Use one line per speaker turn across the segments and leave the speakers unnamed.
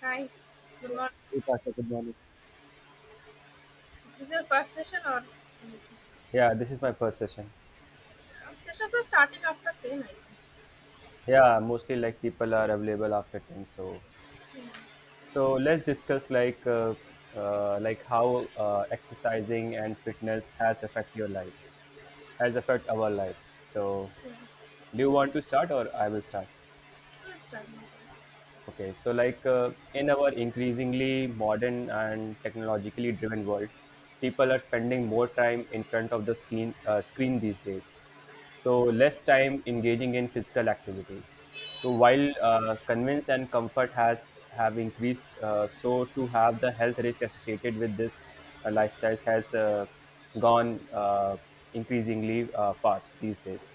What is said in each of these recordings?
Hi, good morning.
Hey, Pasha, good morning.
This is your first session or Uh,
Yeah, this is my first session.
sessions are starting after 10, I think.
Yeah, mostly like people are available after 10. So,
Yeah,
so let's discuss like how exercising and fitness has affect your life, has affect our life. So,
yeah,
do you want to start or I will start?
who is starting?
Okay, so in our increasingly modern and technologically driven world, people are spending more time in front of the screen these days, so less time engaging in physical activity. So while convenience and comfort has have increased, so to have the health risk associated with this lifestyles has gone increasingly fast these days.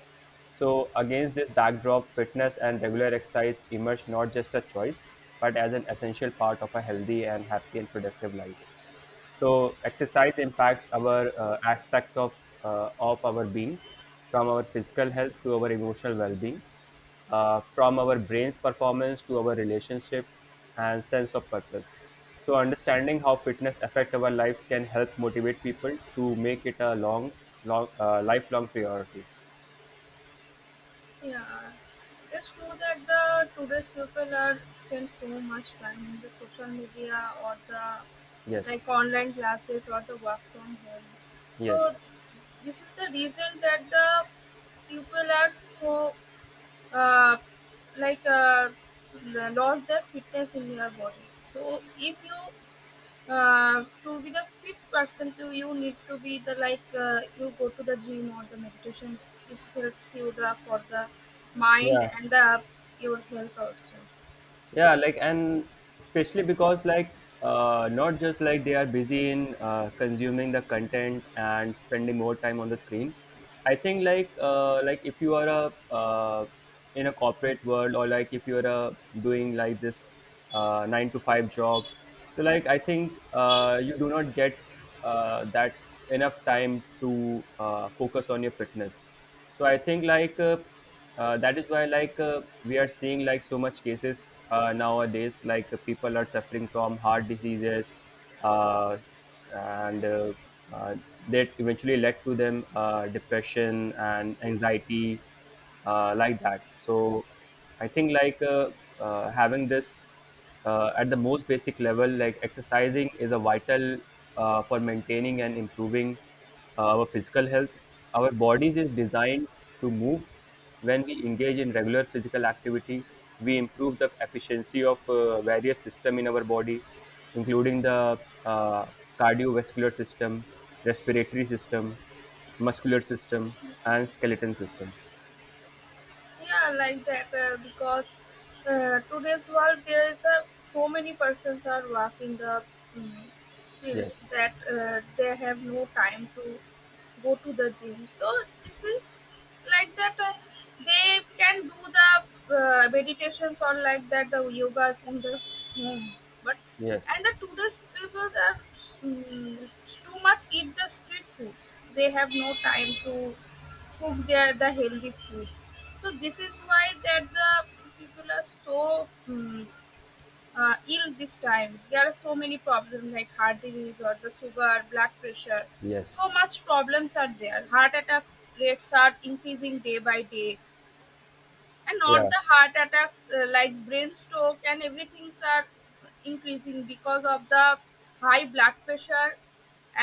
So against this backdrop, fitness and regular exercise emerge not just a choice, but as an essential part of a healthy and happy and productive life. So exercise impacts our aspect of our being, from our physical health to our emotional well-being, from our brain's performance to our relationship and sense of purpose. So understanding how fitness affect our lives can help motivate people to make it a long, lifelong priority.
Yeah, it's true that the today's people are spend so much time in the social media or the
Yes.
like online classes or the work from home.
Yes.
So this is the reason that the people are so uh, like uh, lost their fitness in their body. So if you to be the fit person to you need to be the you go to the gym or the meditations it helps you the for the mind
Yeah.
and the your health also.
Yeah, and especially because not just like they are busy in consuming the content and spending more time on the screen. I think like if you are a in a corporate world, or like if you're a doing like this 9 to 5 job, so like I think you do not get that enough time to focus on your fitness. So I think like that is why we are seeing like so much cases nowadays, people are suffering from heart diseases, uh, and uh, that eventually led to them depression and anxiety, like that, so I think like having this at the most basic level, like exercising is a vital for maintaining and improving our physical health. Our bodies is designed to move. When we engage in regular physical activity, we improve the efficiency of various system in our body, including the uh, cardiovascular system, respiratory system, muscular system, and skeleton system.
Yeah, like that because today's world there is a, so many persons are working the mm field
Yes.
that they have no time to go to the gym so this is like that they can do the meditations or like that the yogas in the home, but
Yes.
and the today's people are mm, too much eat the street foods they have no time to cook there the healthy food so this is why that the people are so mm, ill this time there are so many problems like heart disease or the sugar blood pressure
Yes.
so much problems are there heart attacks rates are increasing day by day and not
Yeah.
the heart attacks like brain stroke and everything are increasing because of the high blood pressure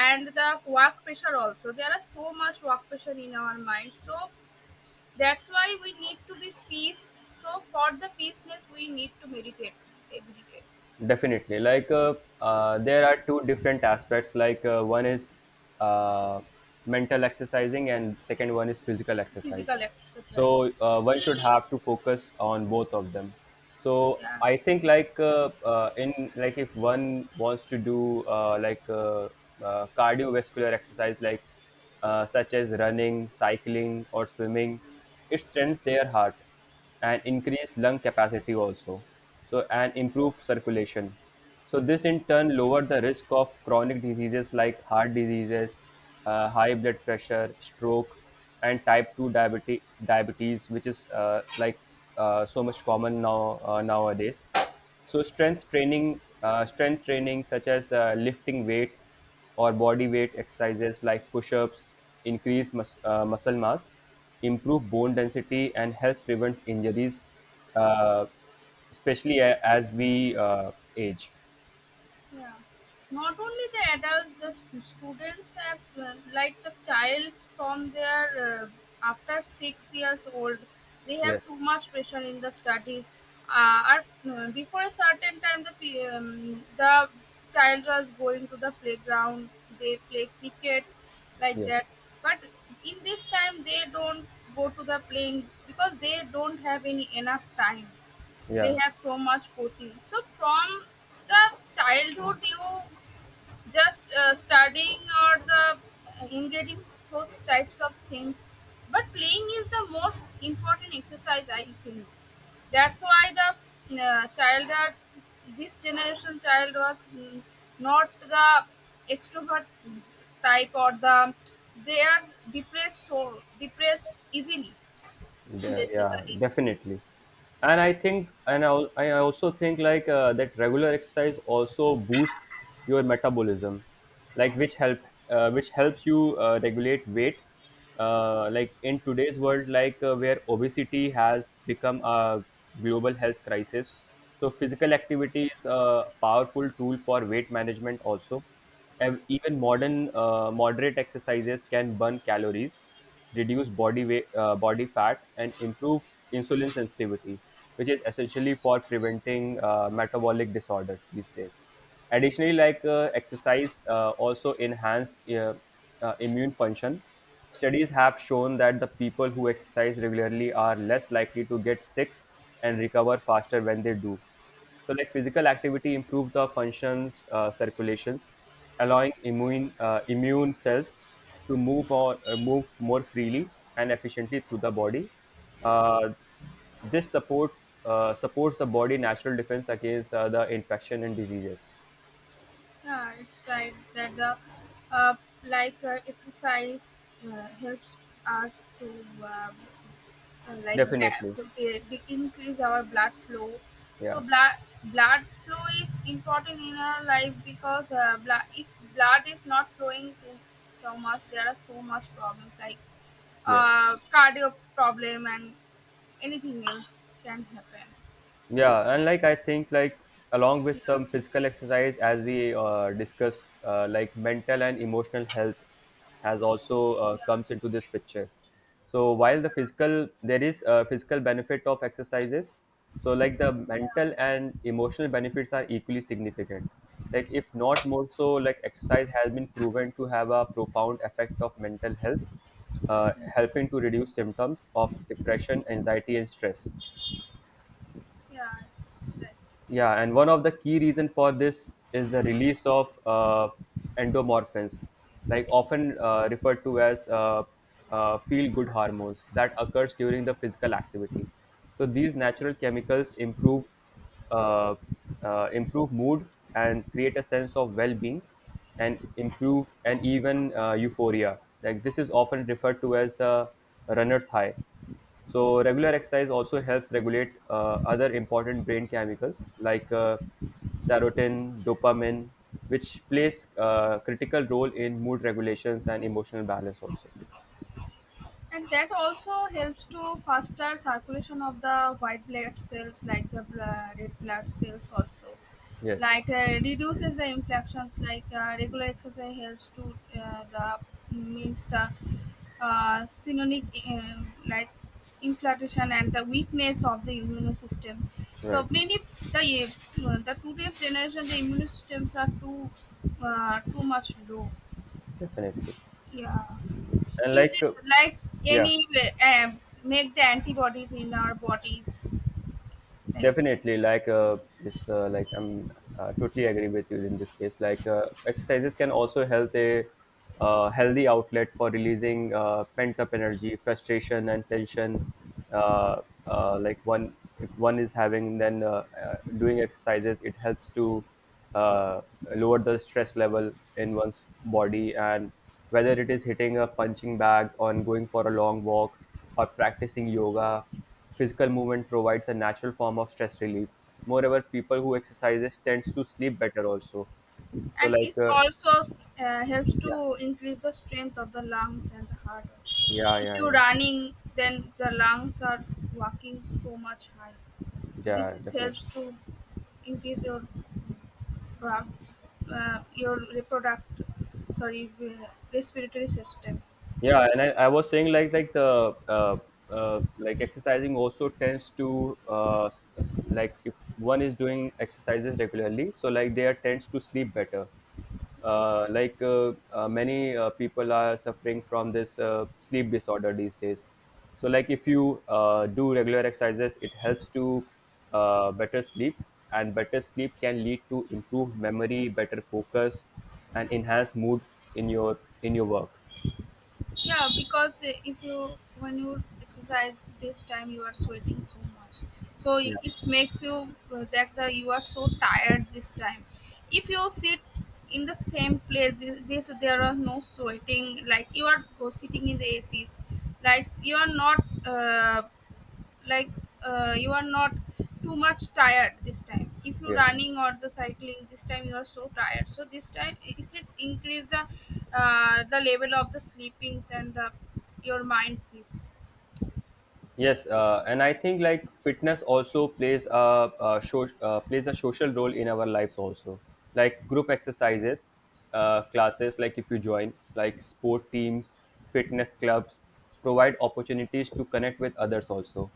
and the work pressure also there are so much work pressure in our mind so that's why we need to be peace. So for the peaceness, we need to meditate, meditate,
Definitely. Like there are two different aspects. One is uh, mental exercising, and second one is physical exercise.
physical exercise.
So one should have to focus on both of them. So
Yeah.
I think like if one wants to do cardiovascular exercise, such as running, cycling, or swimming, it strengthens their heart and increase lung capacity also, so and improve circulation. So this in turn lower the risk of chronic diseases like heart diseases, high blood pressure, stroke, and type 2 diabetes, which is like so much common nowadays. So strength training, such as lifting weights or body weight exercises like push-ups, increase muscle mass, improve bone density, and help prevents injuries, uh, especially as we age.
Yeah. Not only the adults, the students have, like the child from their after 6 years old, they have too
Yes,
much pressure in the studies. Before a certain time, the the child was going to the playground. They play cricket like
yes,
that. But in this time, they don't go to the playing because they don't have any enough time, they
yeah.
have so much coaching. So from the childhood, you just studying or the engaging so types of things, but playing is the most important exercise I think. That's why the child that this generation child was not the extrovert type or the they are depressed, so depressed easily
Yeah, yeah,
basically.
definitely. And I think, I also think that regular exercise also boosts your metabolism, like which helps you regulate weight. Like in today's world, where obesity has become a global health crisis, so physical activity is a powerful tool for weight management also. And even modern moderate exercises can burn calories, reduce body weight, body fat, and improve insulin sensitivity, which is essentially for preventing metabolic disorders these days. Additionally, exercise also enhance immune function. Studies have shown that the people who exercise regularly are less likely to get sick and recover faster when they do. So, like physical activity improves the functions, circulations, allowing immune cells to move or move more freely and efficiently through the body. Uh, this supports the body natural defense against the infection and diseases.
Yeah, it's right that the uh, exercise helps us to um,
Definitely,
to increase our blood flow. So
yeah,
blood flow is important in our life because blood if blood is not flowing too, too much, there are so much problems like
yes.
cardio problem and anything else can happen.
Yeah, and I think along with
Yeah,
some physical exercise, as we discussed, like mental and emotional health has also comes into this picture. So while there is a physical benefit of exercises, so like the
yeah,
mental and emotional benefits are equally significant, like if not more. So like exercise has been proven to have a profound effect of mental health, helping to reduce symptoms of depression, anxiety, and stress.
yeah. It's right.
Yeah, and one of the key reason for this is the release of endomorphins, like often referred to as feel-good hormones that occurs during the physical activity. So these natural chemicals improve uh, mood and create a sense of well-being, and improve and even euphoria. Like this is often referred to as the runner's high. So regular exercise also helps regulate other important brain chemicals like serotonin, dopamine, which plays a critical role in mood regulations and emotional balance also.
And that also helps to faster circulation of the white blood cells like the red blood cells also,
Yes,
like reduces the infections, like regular exercise helps to the means the synonic like inflammation and the weakness of the immune system, so
right,
many. The the today's generation the immune systems are too too much low.
definitely.
Yeah,
And
in the,
like,
like
yeah.
any make the antibodies in our bodies like that.
Definitely, like I'm totally agree with you in this case. Like exercises can also help a healthy outlet for releasing pent up energy, frustration, and tension. Uh, like, if one is having, then doing exercises, it helps to uh, lower the stress level in one's body, and whether it is hitting a punching bag, on going for a long walk, or practicing yoga. Physical movement provides a natural form of stress relief. Moreover, people who exercises tends to sleep better also. So
And it
like
also helps to increase the strength of the lungs and the heart also.
yeah,
If
yeah,
you're
yeah,
running then the lungs are working so much high, so this
yeah,
is
definitely.
helps to increase uh, your reproduct sorry respiratory system.
Yeah, and I was saying like the like exercising also tends to like if one is doing exercises regularly, so like they are tends to sleep better. Many people are suffering from this sleep disorder these days. So like if you do regular exercises, it helps to better sleep, and better sleep can lead to improved memory, better focus, and enhanced mood in your work.
Yeah, because if you when you exercise this time, you are sweating so much, so it
Yeah.
it makes you that the, you are so tired this time. If you sit in the same place, this there are no sweating. Like you are go sitting in the ACs, like you are not like you are not too much tired this time if you're
Yes.
running or the cycling this time you are so tired so this time it's increase the level of the sleepings and the your mind peace.
Yes, and I think like fitness also plays plays a social role in our lives also. Like group exercises, classes, like if you join, like sport teams, fitness clubs, provide opportunities to connect with others also,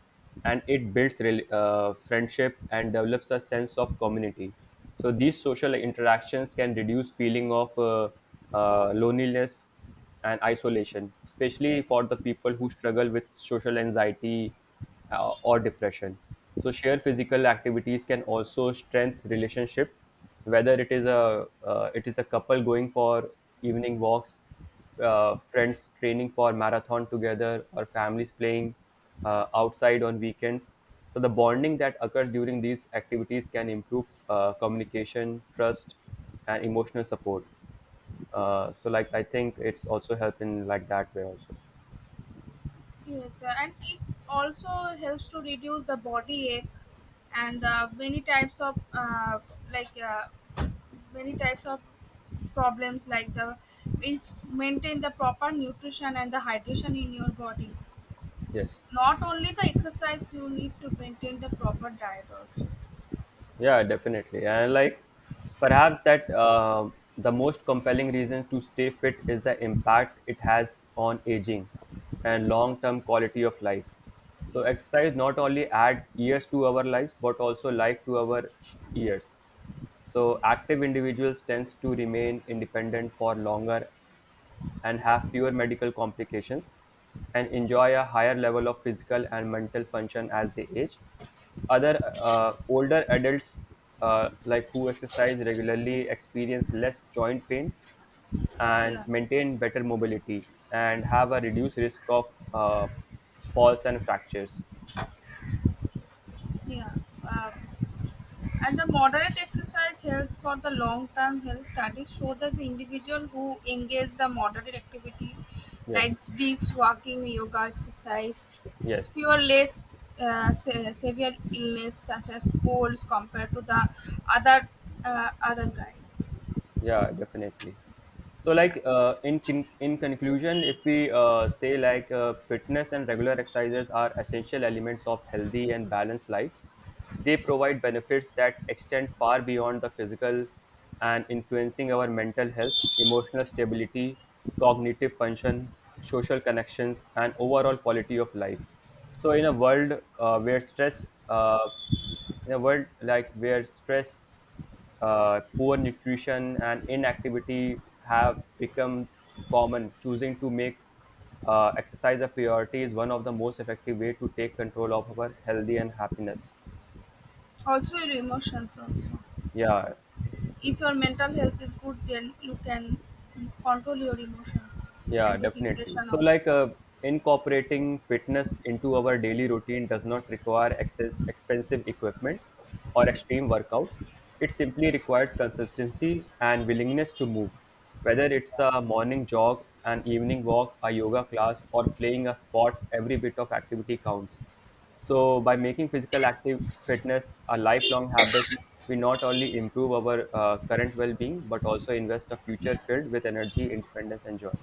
and it builds friendship and develops a sense of community. So these social interactions can reduce feeling of loneliness and isolation, especially for the people who struggle with social anxiety or depression. So, shared physical activities can also strengthen relationship, whether it is a couple going for evening walks, friends training for marathon together, or families playing outside on weekends. So, the bonding that occurs during these activities can improve communication, trust, and emotional support. So like I think it's also helping like that way also.
Yes, and it also helps to reduce the body ache and many types of like uh, many types of problems like the it's maintain the proper nutrition and the hydration in your body.
Yes,
Not only the exercise, you need to maintain the proper diet also.
yeah, definitely. And like, perhaps that the most compelling reason to stay fit is the impact it has on aging and long-term quality of life. So
Yeah,
exercise not only add years to our lives, but also life to our years. So active individuals tends to remain independent for longer, and have fewer medical complications, and enjoy a higher level of physical and mental function as they age. Other Older adults, like who exercise regularly, experience less joint pain,
yeah,
and maintain better mobility, and have a reduced risk of uh, falls and fractures.
yeah. Uh, and the moderate exercise help for the long-term health studies show that the individual who engage the moderate activity
Yes,
like breaths, walking, yoga exercise,
yes.
fewer less severe illness such as colds compared to the other other guys.
Yeah, definitely. So like, in conclusion, if we say, fitness and regular exercises are essential elements of healthy and balanced life. They provide benefits that extend far beyond the physical, and influencing our mental health, emotional stability, cognitive function, social connections, and overall quality of life. So uh, where stress uh, in a world like where stress, poor nutrition, and inactivity have become common. Choosing to make exercise a priority is one of the most effective way to take control of our healthy and happiness.
Also your emotions also.
Yeah.
If your mental health is good, then you can control your emotions
Yeah,
and your
definitely.
depression
So,
also.
incorporating fitness into our daily routine does not require expensive equipment or extreme workout. It simply requires consistency and willingness to move. Whether it's a morning jog, an evening walk, a yoga class, or playing a sport, every bit of activity counts. So, by making physical active fitness a lifelong habit, we not only improve our current well being, but also invest a future filled with energy, independence, and joy.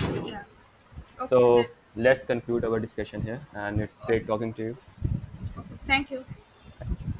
Yeah. Okay. Then.
So let's conclude our discussion here, and it's great
Okay.
talking to you.
Okay. Thank you.
Thank you.